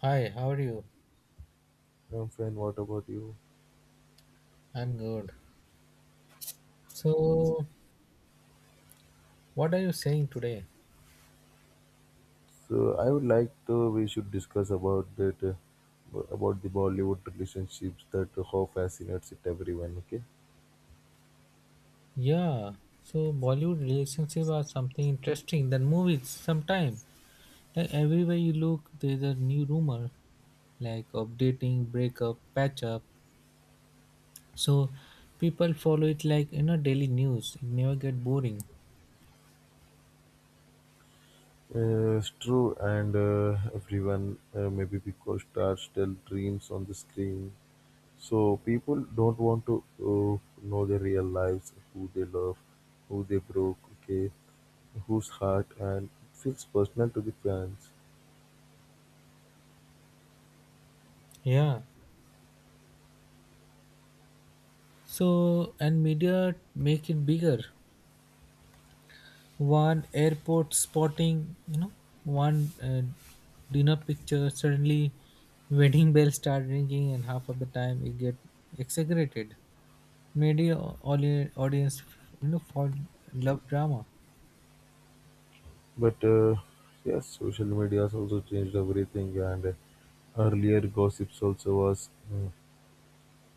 Hi, how are you? Friend, what about you? I'm good. So, what are you saying today? So I would like to we should discuss about that about the Bollywood relationships that how fascinates it everyone. Okay, Yeah, so Bollywood relationship are something interesting than movies sometime. Like everywhere you look, there's a new rumor, like updating, breakup, patch up. So people follow it like daily news. It never get boring. It's true, and everyone maybe because stars tell dreams on the screen, so people don't want to know their real lives, who they love, who they broke, okay, whose heart, and it feels personal to the fans. Yeah. So and media make it bigger. One airport spotting, one dinner picture, suddenly wedding bells start ringing and half of the time it get exaggerated, media audience, fall love drama. But yes, social media has also changed everything. And earlier, gossips also was mm,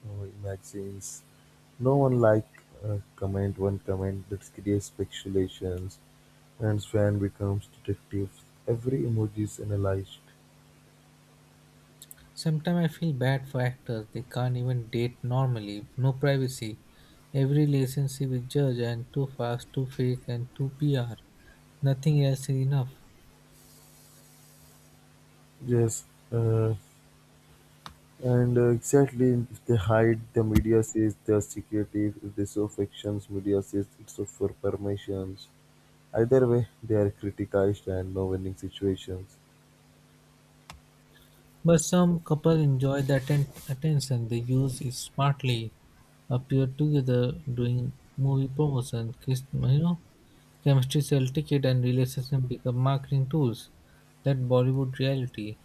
uh, magazines. No one like comment one comment that creates speculations, and fan becomes detectives. Every emoji is analyzed. Sometimes I feel bad for actors, they can't even date normally, no privacy, every relationship is judged and too fast, too fake and too PR, nothing else is enough. Yes, uh, and exactly if they hide, the media says they are secretive. If they show factions, media says it's for permissions. Either way, they are criticized and no winning situations. But some couples enjoy the attention, they use it smartly, appear together doing movie promotion. You know, chemistry sell ticket and relationship become marketing tools. That Bollywood reality.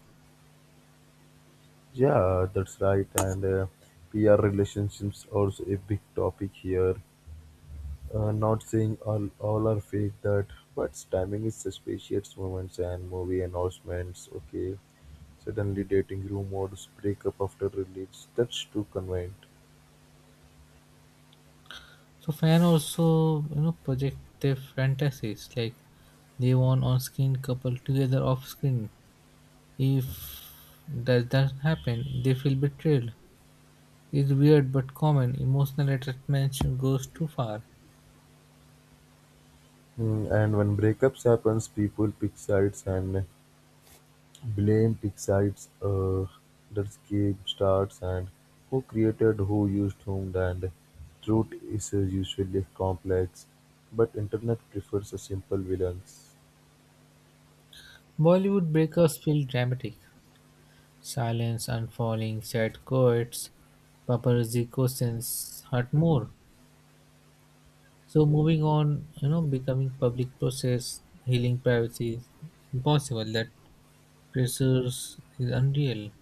Yeah, that's right. And PR relationships also a big topic here. Not saying all are fake that, but timing is suspicious moments and movie announcements. Okay, suddenly dating rumors, breakup after release. That's too convenient. So fan also, project their fantasies, like they want on-screen couple together off-screen. If that doesn't happen, they feel betrayed. It's weird but common. Emotional attachment goes too far. Hmm, and when breakups happens, people pick sides and blame decides the game starts and who created, who used whom, and truth is usually complex, but internet prefers a simple villains. Bollywood breakups feel dramatic. Silence, unfurling, sad chords, paparazzi questions hurt more. So moving on, you know, becoming public process, healing privacy is impossible. That pressure is unreal.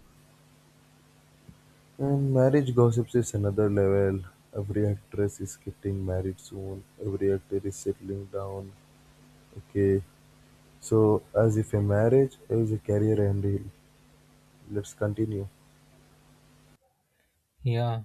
And marriage gossips is another level. Every actress is getting married soon. Every actor is settling down. Okay, so as if a marriage is a career ending. Let's continue. Yeah.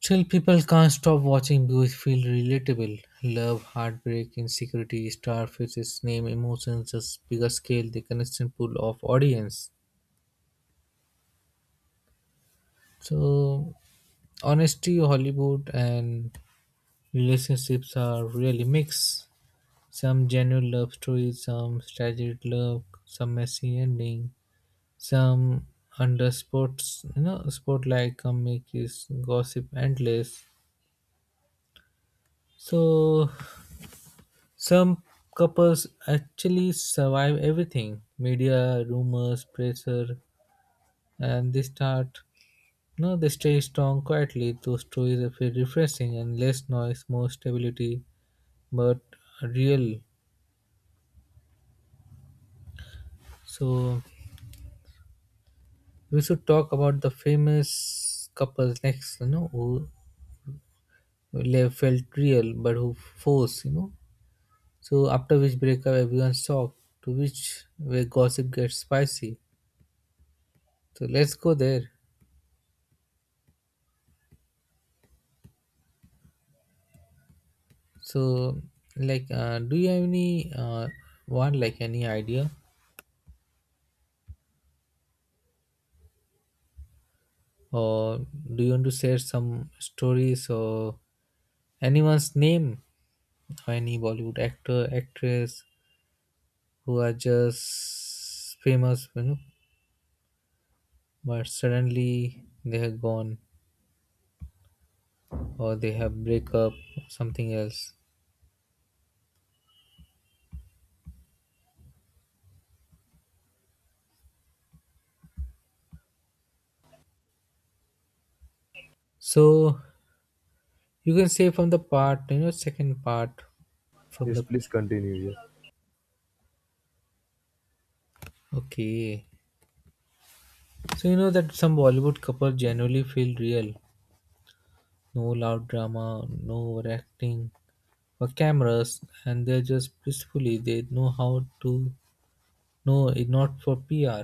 Still people can't stop watching because feel relatable. Love, heartbreak, insecurity, star faces, name, emotions, just bigger scale, the constant pool of audience. So honesty Hollywood and relationships are really mixed. Some genuine love stories, some tragic love, some messy ending, some under sports, you know, spotlight comic is gossip endless. So some couples actually survive everything. Media, rumors, pressure, and they start, no, they stay strong quietly. Those stories are feel refreshing and less noise, more stability, but real. So we should talk about the famous couples next, you know, who felt real but who forced, you know. So after which breakup, everyone's shocked to which where gossip gets spicy. So let's go there. So, like, do you have any one, like, any idea, or do you want to share some stories or anyone's name or any Bollywood actor, actress who are just famous, you know, but suddenly they have gone or they have break up or something else, so you can say from the part, second part from Yes, the. please continue. Yeah. Okay, so you know that some Bollywood couple genuinely feel real, no loud drama, no overacting for cameras, and they're just blissfully they know how to, no, it not for PR.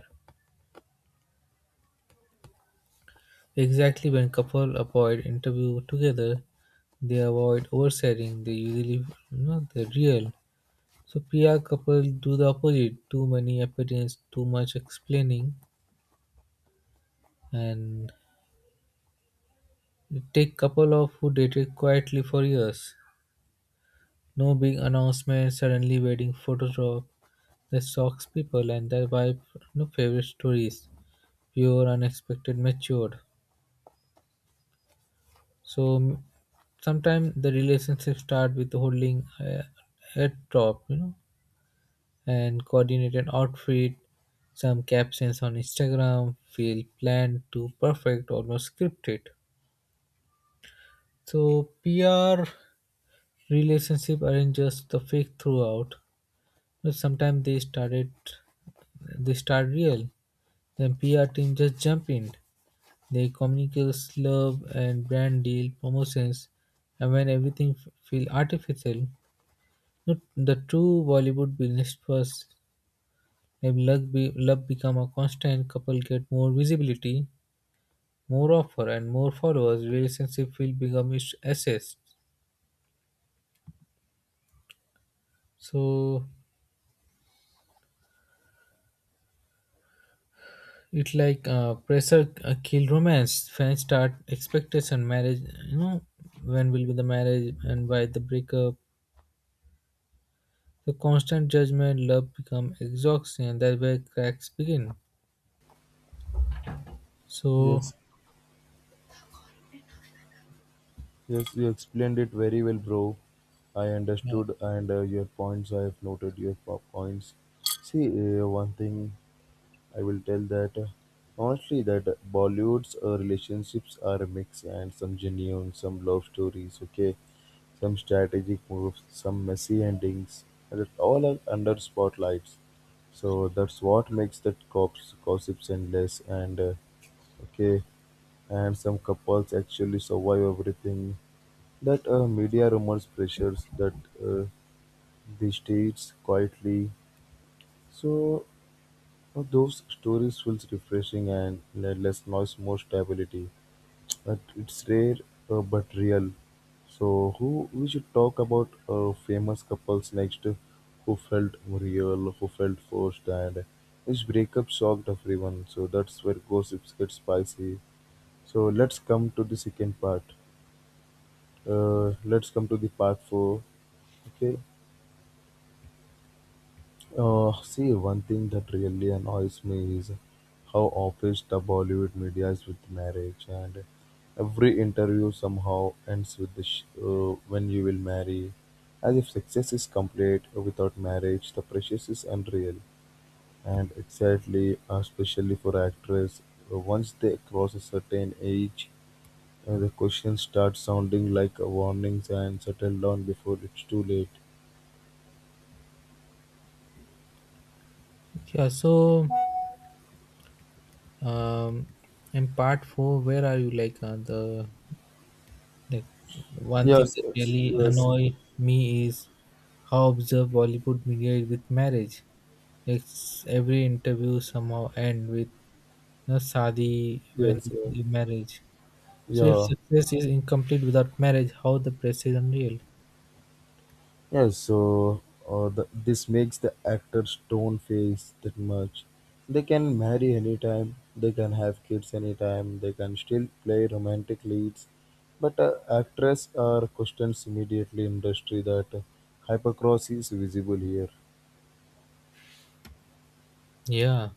Exactly, when couple avoid interview together, they avoid oversharing, they usually, you know, they're real. So PR couple do the opposite. Too many appearance, too much explaining, and it take couple of who dated quietly for years. No big announcement, suddenly wedding photoshop. That shocks people and that vibe no favorite stories. Pure, unexpected, matured. So sometimes the relationship start with holding a top, you know, and coordinated outfit. Some captions on Instagram feel planned to perfect, almost scripted. So PR relationship aren't just the fake throughout. But sometimes they started, they start real. Then PR team just jump in. They communicate love and brand deal promotions, and when everything feel artificial, not the true Bollywood business first. If luck be, love become a constant, couple get more visibility, more offer, and more followers. Relationship will become its assets. So it like pressure kill romance. Fans start expectation marriage. You know when will be the marriage and why the breakup. The constant judgment, love become exhausting, and that's where cracks begin. So Yes. Yes, you explained it very well, bro. I understood, and your points. I have noted your points. See, one thing I will tell that honestly, that Bollywood's relationships are a mix, and some genuine, some love stories. Okay, some strategic moves, some messy endings. And that all are under spotlights. So that's what makes that cops gossips endless and okay and some couples actually survive everything that media rumors pressures that uh, the states quietly. So those stories feels refreshing and less noise, more stability. But it's rare but real. So who we should talk about famous couples next, who felt real, who felt forced, and which breakup shocked everyone. So that's where gossips get spicy. So let's come to the second part. Let's come to the part four. Okay, see, one thing that really annoys me is how obsessed the Bollywood media is with marriage, and every interview somehow ends with the "when you will marry," as if success is complete without marriage. The pressure is unreal, and exactly, especially for actors, once they cross a certain age, the questions start sounding like warnings and settle down before it's too late. yeah, so um, in part four, where are you like the. Like one thing Yes, that yes, really yes, annoy me is how observed Bollywood media is with marriage. Like every interview somehow end with you know, Sadi when yes, yeah. the marriage. So if Yeah. success is incomplete without marriage, how the press is unreal. Yes, so this makes the actors don't face that much. They can marry anytime, they can have kids anytime, they can still play romantic leads. But actress are questions immediately industry that hypercross is visible here. Yeah,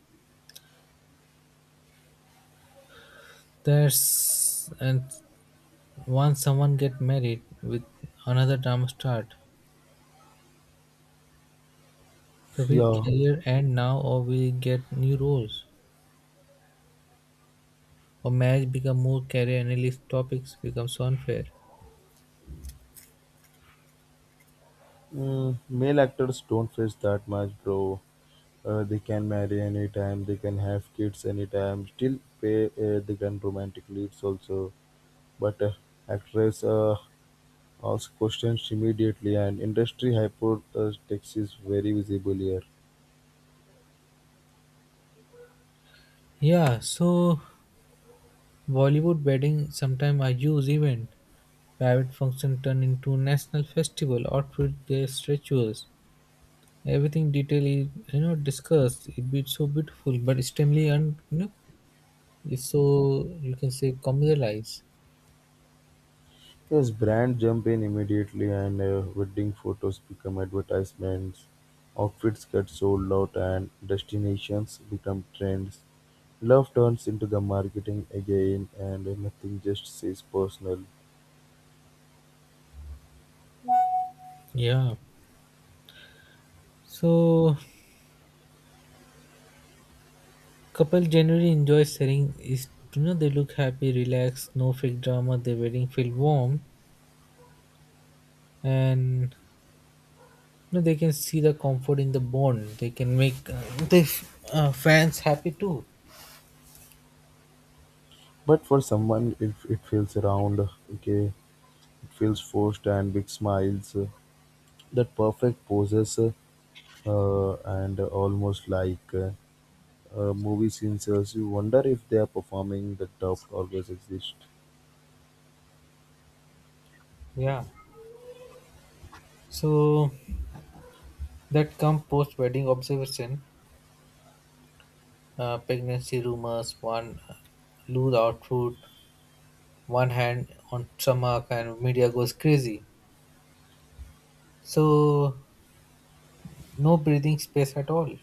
there's, and once someone get married with, another drama start. So we Yeah, career end now or we get new roles or marriage become more career analyst topics, become so unfair. mm, male actors don't face that much, bro. They can marry anytime, they can have kids anytime, still pay, they can romantic leads also. But actress ask questions immediately, and industry hypothesis is very visible here. Yeah, so Bollywood wedding sometimes are huge event. Private function turn into national festival, outfit dress rituals. Everything detail is, you know, discussed. It be so beautiful, but extremely un, you know, it's so you can say commercialized. Yes, brand jump in immediately and wedding photos become advertisements, outfits get sold out and destinations become trends. Love turns into the marketing again and nothing just says personal. Yeah. So couple generally enjoy sharing is, you know, they look happy, relaxed, no fake drama, their wedding feel warm, and no, they can see the comfort in the bond. They can make the fans happy too. But for someone, it feels round, okay, it feels forced and big smiles, that perfect poses and almost like movie scenes as you wonder if they are performing the doubt always exists. Yeah. So that come post wedding observation, pregnancy rumors, one loose outfit, one hand on stomach, and media goes crazy. So no breathing space at all.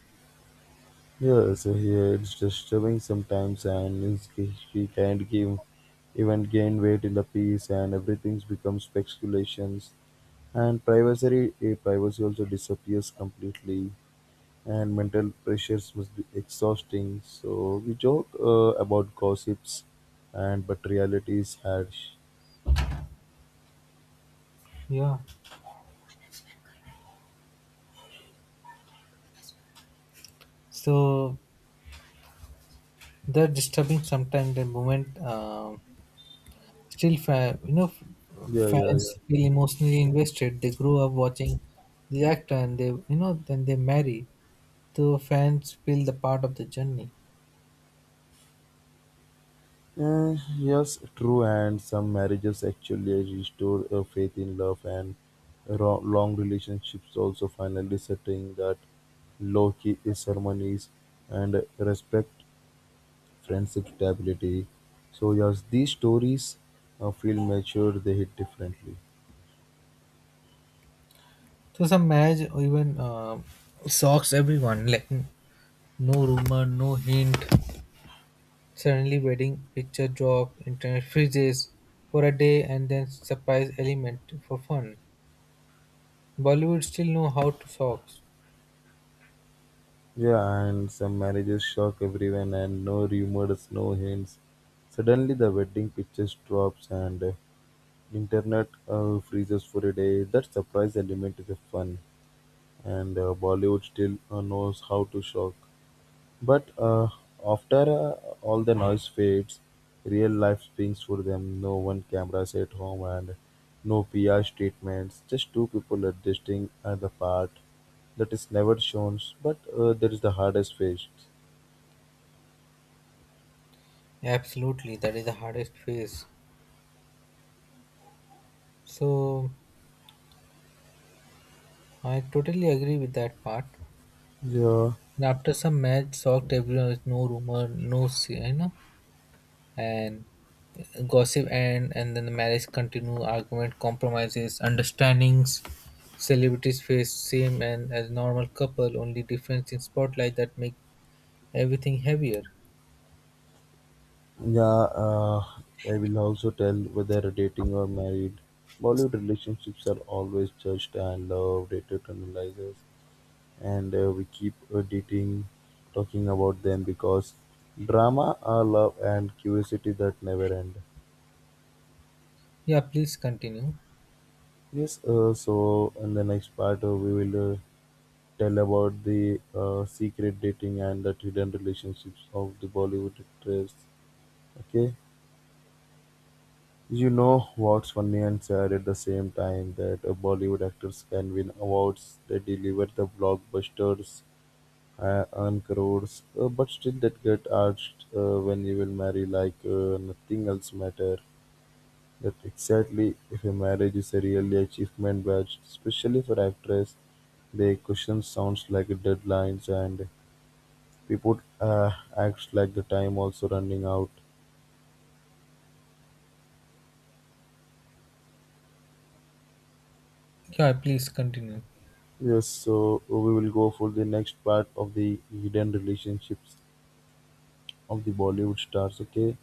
Yeah, so here it's disturbing sometimes she can't give even gain weight in the piece and everything's becomes speculations and privacy privacy also disappears completely and mental pressures must be exhausting so we joke about gossips and but reality is harsh. Yeah. So they're disturbing sometimes the moment. Still, you know, Yeah, yeah, yeah. fans feel emotionally invested. They grow up watching the actor, and they, you know, then they marry. So fans feel the part of the journey. Yes, true, and some marriages actually restore faith in love, and long relationships also finally setting that low key ceremonies and respect friendship stability. So, yes, these stories feel mature, they hit differently. So some marriage even shocks everyone. Like no rumor, no hint. Suddenly, wedding picture drop, internet freezes for a day, and then surprise element for fun. Bollywood still know how to socks. Yeah, and some marriages shock everyone, and no rumors, no hints. Suddenly, the wedding pictures drops, and Internet freezes for a day. That surprise element is a fun, and Bollywood still knows how to shock. But after all the noise fades, real life springs for them. No one cameras at home and no PR statements. Just two people adjusting at the part that is never shown. But that is the hardest phase. Absolutely, that is the hardest phase. So I totally agree with that part. Yeah. And after some match shocked everyone with no rumor, no you know, and gossip and then the marriage continue, argument, compromises, understandings. Celebrities face same and as normal couple, only difference in spotlight that make everything heavier. Yeah, uh, I will also tell whether dating or married. Bollywood relationships are always judged and loved dated, eternalizers, and we keep talking about them because drama, love, and curiosity that never end. Yeah, please continue. Yes, so in the next part, we will tell about the secret dating and the hidden relationships of the Bollywood actors. Okay. You know what's funny and sad at the same time that Bollywood actors can win awards, they deliver the blockbusters, earn crores, but still that get asked when you will marry like nothing else matter. That exactly if a marriage is a really achievement badge, especially for actress, the question sounds like deadlines and people acts like the time also running out. Yeah, please continue. Yes, so we will go for the next part of the hidden relationships of the Bollywood stars. Okay,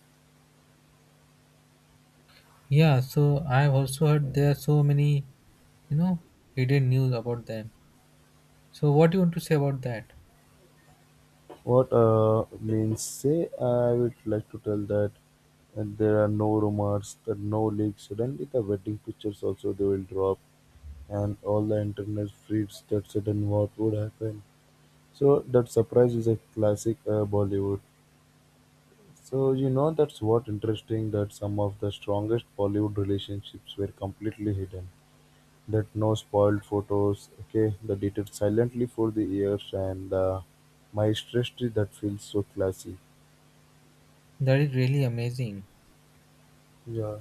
Yeah, so I've also heard there are so many, you know, hidden news about them. So what do you want to say about that? what means say I would like to tell that and there are no rumors, there are no leaks. Suddenly, the wedding pictures also they will drop, and all the internet freaks that sudden what would happen. So that surprise is a classic Bollywood. So you know that's what interesting that some of the strongest Bollywood relationships were completely hidden. That no spoiled photos. Okay, the dated silently for the years and the maestro that feels so classy. That is really amazing. Yeah.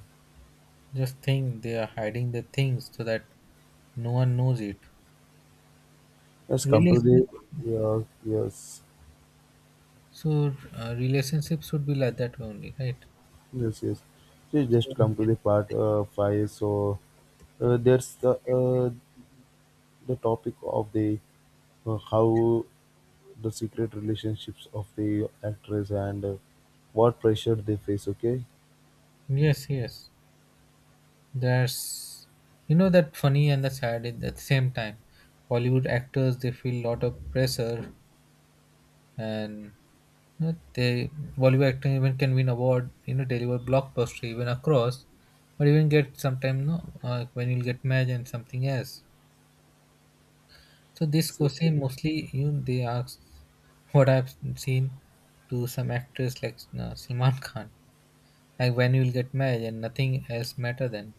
Just think they are hiding the things so that no one knows it. Yes, come to Relation, the yeah, yes, so relationships should be like that only, right? yes, yes. So So, just come to the part five. So there's the the topic of the how the secret relationships of the actress and what pressure they face. Okay, yes, yes. There's, you know, that funny and the sad at the same time. Bollywood actors they feel lot of pressure, and you know, they Bollywood acting even can win award, you know, deliver blockbuster even across, but even get sometime no, when you'll get married and something else. So this so, question mostly you know, they ask what I've seen to some actors like Salman Khan, like when you will get married and nothing else matter then.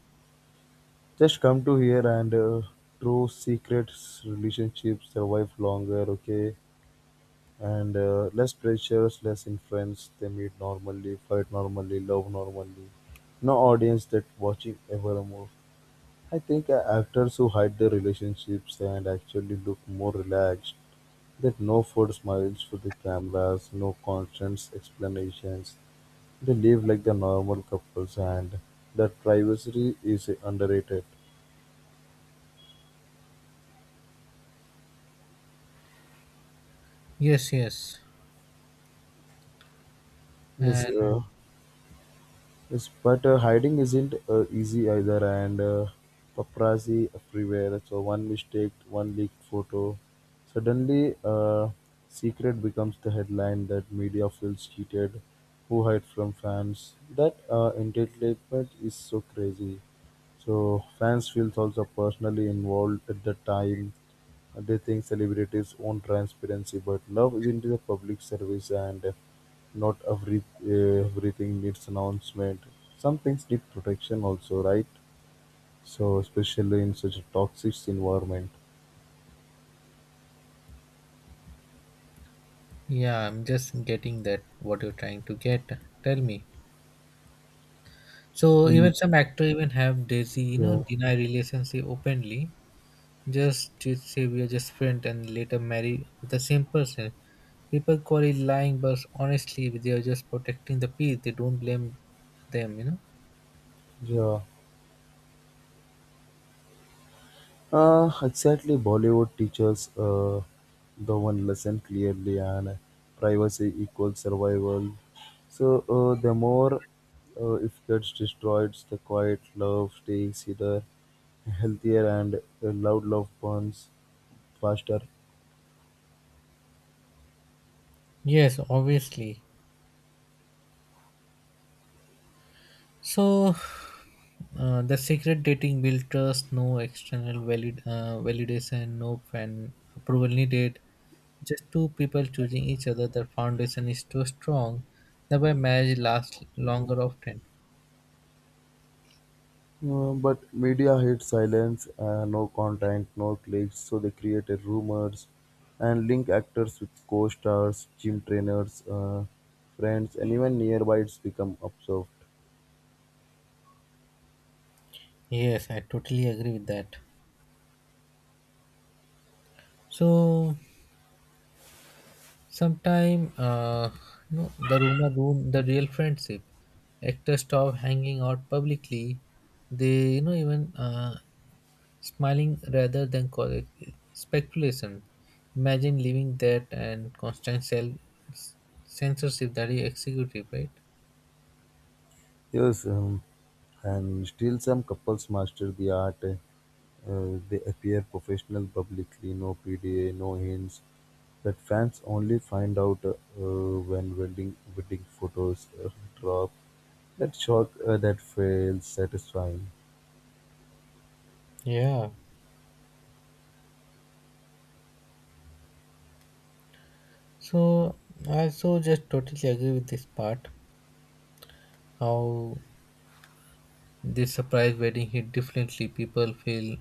just come to here and true secrets relationships survive longer, okay? And less pressures, less influence. They meet normally, fight normally, love normally. No audience that watching ever more. I think actors who hide their relationships and actually look more relaxed. That no forced smiles for the cameras, no constant explanations. They live like the normal couples, and that privacy is underrated. Yes, yes, Yes, and uh, Yes, but hiding isn't easy either, and paparazzi everywhere. So one mistake, one leaked photo, suddenly secret becomes the headline that media feels cheated. Who hide from fans? That entertainment is so crazy. So fans feels also personally involved at the time. They think celebrities own transparency, but love is into the public service, and not everything needs announcement. Some things need protection also, right? So especially in such a toxic environment. yeah, I'm just getting that what you're trying to get. Tell me. So even Mm. some actor even have Daisy, you know, Yeah, deny relationship openly. Just to say we are just friend and later marry with the same person. People call it lying, but honestly, they are just protecting the peace. They don't blame them, you know. yeah. Exactly. Bollywood teaches the one lesson clearly, and privacy equals survival. So the more if gets destroyed, the quiet love stays either healthier and loud love burns faster. Yes, obviously. So, the secret dating build trust, no external valid validation, no fan approval needed. Just two people choosing each other. The foundation is too strong. Thereby, marriage lasts longer often. But media hates silence, no content, no clicks, so they created rumors and link actors with co-stars, gym trainers, friends, and even nearby it's become observed. Yes, I totally agree with that. So, sometime, you know, the rumor ruined the real friendship. Actors stop hanging out publicly. They, you know, even smiling rather than cause speculation. Imagine living that and constant self censorship that is executive, right? Yes, and still some couples master the art. They appear professional publicly, no PDA, no hints. But fans only find out when wedding photos drop. That shock that feels satisfying. Yeah. So I also just totally agree with this part. How this surprise wedding hit differently. People feel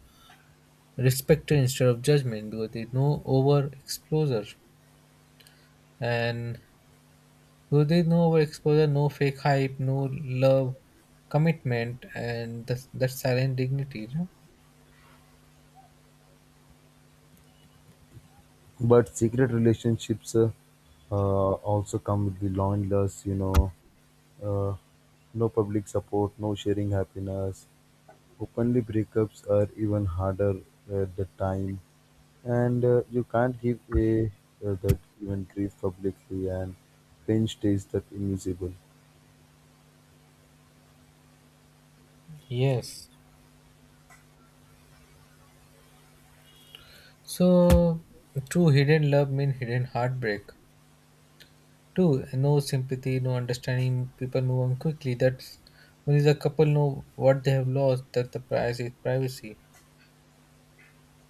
respected instead of judgment because there's no over exposure. And because there's no over exposure, no fake hype, no love, commitment, and that, that silent dignity. You know? But secret relationships also come with the loneliness, you know, uh, no public support, no sharing happiness. Openly breakups are even harder at the time and you can't give a that even grief publicly and pain stays that invisible. Yes, so, true hidden love mean hidden heartbreak. True, no sympathy, no understanding. People move on quickly. That's only the couple know what they have lost. That the price is privacy.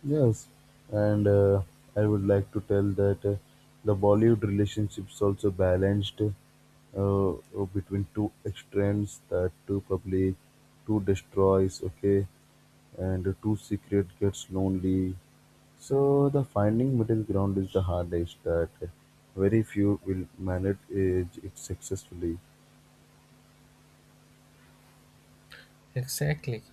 Yes, and I would like to tell that the Bollywood relationships also balanced uh, between two extremes that two public, two destroys, okay, and two secret gets lonely. So the finding middle ground is the hardest that very few will manage it successfully. Exactly.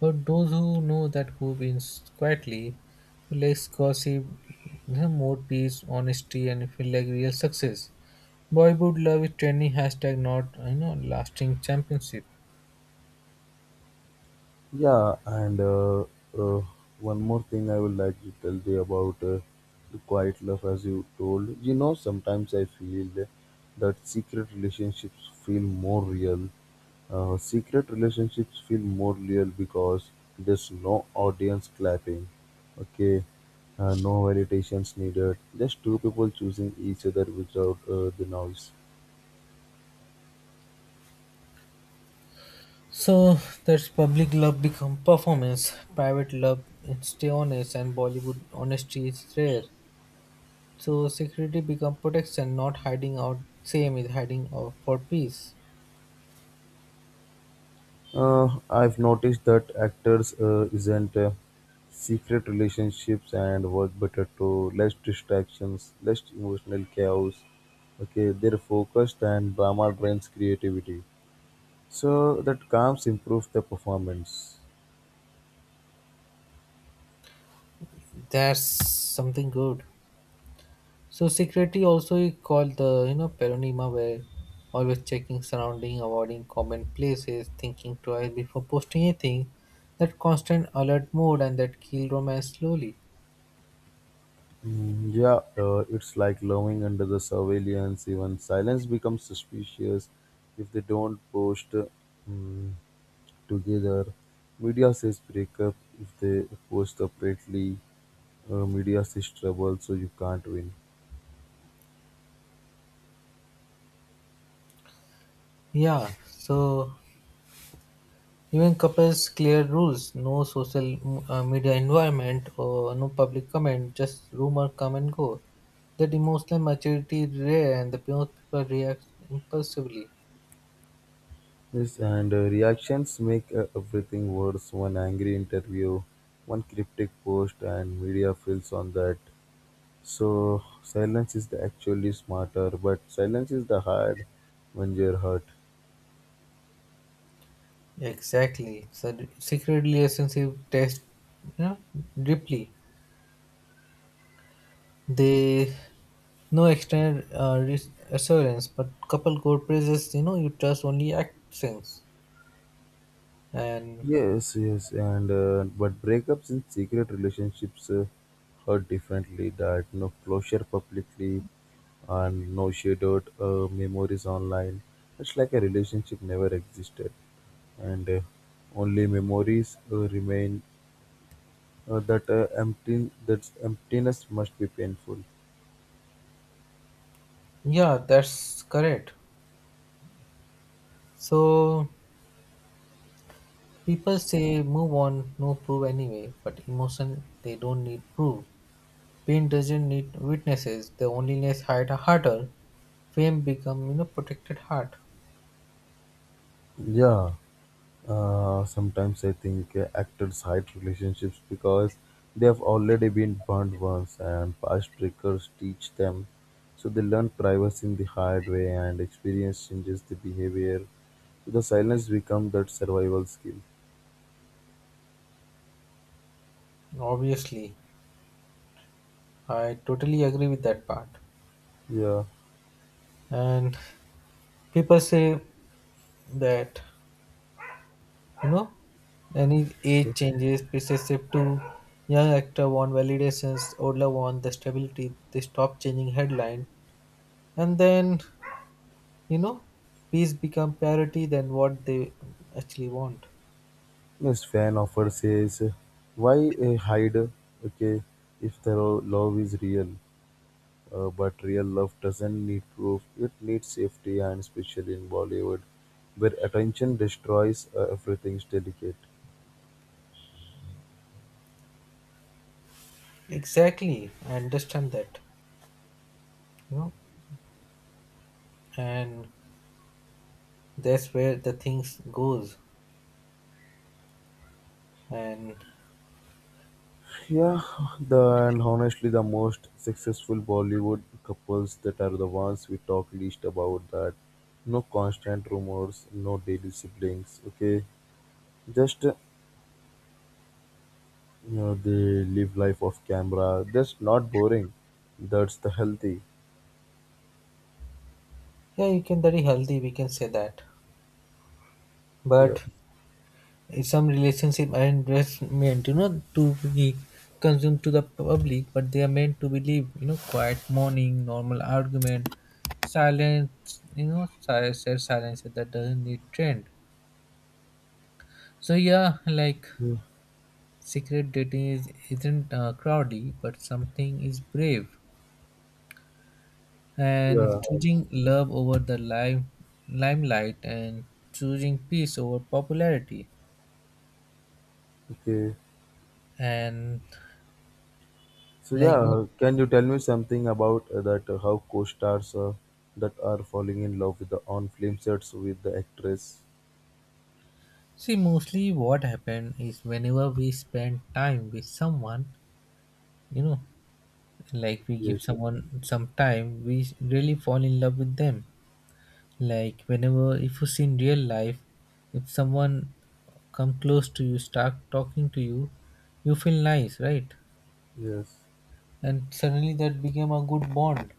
But those who know that who wins quietly, less gossip, you know, more peace, honesty, and feel like real success. Boyhood love is trending hashtag, not you know lasting championship. Yeah, and uh, one more thing I would like to tell you about the quiet love, as you told. You know, sometimes I feel that secret relationships feel more real. Secret relationships feel more real because there's no audience clapping. Okay, no validations needed. Just two people choosing each other without the noise. So that's public love become performance, private love and stay honest, and Bollywood honesty is rare. So security become protection, not hiding out. Same is hiding out for peace. I've noticed that actors isn't secret relationships and work better to less distractions, less emotional chaos. Okay, they're focused and drama drains creativity. So that calms improves the performance. That's something good. So security also is called the you know peronima where always checking surrounding, avoiding common places, thinking twice before posting anything. That constant alert mode and that kill romance slowly. Mm, yeah, it's like loving under the surveillance. Even silence becomes suspicious if they don't post mm, together. Media says breakup if they post separately. Media is trouble, so you can't win. Yeah. So even couples clear rules, no social media environment or no public comment, just rumor come and go. That emotional maturity is rare and the most people react impulsively. Yes, and reactions make everything worse. One angry interview, one cryptic post, and media fills on that. So silence is the actually smarter, but silence is the hard when you're hurt. Exactly. It's a secretly relationship test, you know, deeply. They no external assurance, but couple core praises, you know, you trust only actions. And Yes, and but breakups in secret relationships hurt differently. That no closure publicly, and no shared memories online. It's like a relationship never existed, and only memories remain. That empty that emptiness must be painful. yeah, that's correct. So people say move on, no proof anyway, but emotion they don't need proof. Pain doesn't need witnesses, the loneliness hide harder. Fame become you know protected heart. Yeah, sometimes I think actors hide relationships because they have already been burned once and past triggers teach them, so they learn privacy in the hard way and experience changes the behavior, so the silence becomes that survival skill. Obviously. I totally agree with that part. Yeah. And people say that you know any age changes, pieces shift to young actor want validations, older want the stability, they stop changing headline. And then you know peace become parity than what they actually want. Next fan offer says, "Why hide? Okay, if the love is real, but real love doesn't need proof. It needs safety, and especially in Bollywood, where attention destroys everything's delicate." Exactly, I understand that, you know, and that's where the things goes, and Yeah, the and honestly, the most successful Bollywood couples that are the ones we talk least about. That no constant rumors, no daily siblings. Okay, just you know, they live life off camera. That's not boring. That's the healthy. yeah, you can very healthy we can say that, Yeah. but if some relationship and just meant, you know, to be consumed to the public but they are meant to believe, you know, quiet morning normal argument silence, you know, said silence that doesn't need trend. So yeah, like Hmm. secret dating is, isn't Crowley, but something is brave. And Yeah. choosing love over the lime, limelight, and choosing peace over popularity. Okay. And So like, yeah, can you tell me something about that how co-stars that are falling in love with the on-film sets with the actress? see, mostly what happened is whenever we spend time with someone, you know, like we give Yes. someone some time, we really fall in love with them. Like whenever if you see in real life, if someone come close to you, start talking to you, you feel nice, right? Yes. And suddenly that became a good bond.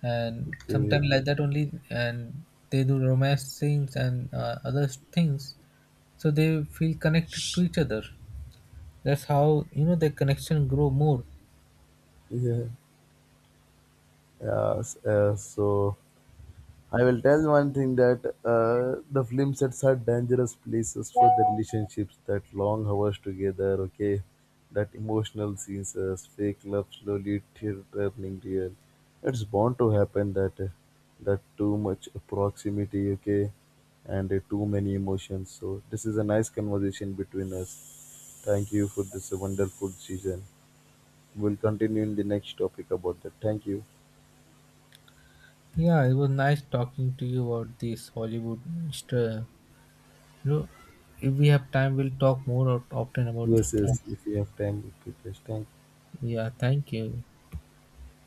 And Okay. sometimes like that only, and they do romance things and other things, so they feel connected to each other. That's how you know the connection grow more. Yeah. So I will tell one thing that the film sets are dangerous places for the relationships. That long hours together, okay, that emotional scenes, fake love slowly turning real. It's bound to happen that that too much proximity, okay, and too many emotions. So this is a nice conversation between us. Thank you for this wonderful season. We'll continue in the next topic about that. Thank you. Yeah, it was nice talking to you about this Hollywood. Mr. You know, if we have time, we'll talk more often about this Yes, thing. yes. If you have time, we could just thank. Yeah, thank you.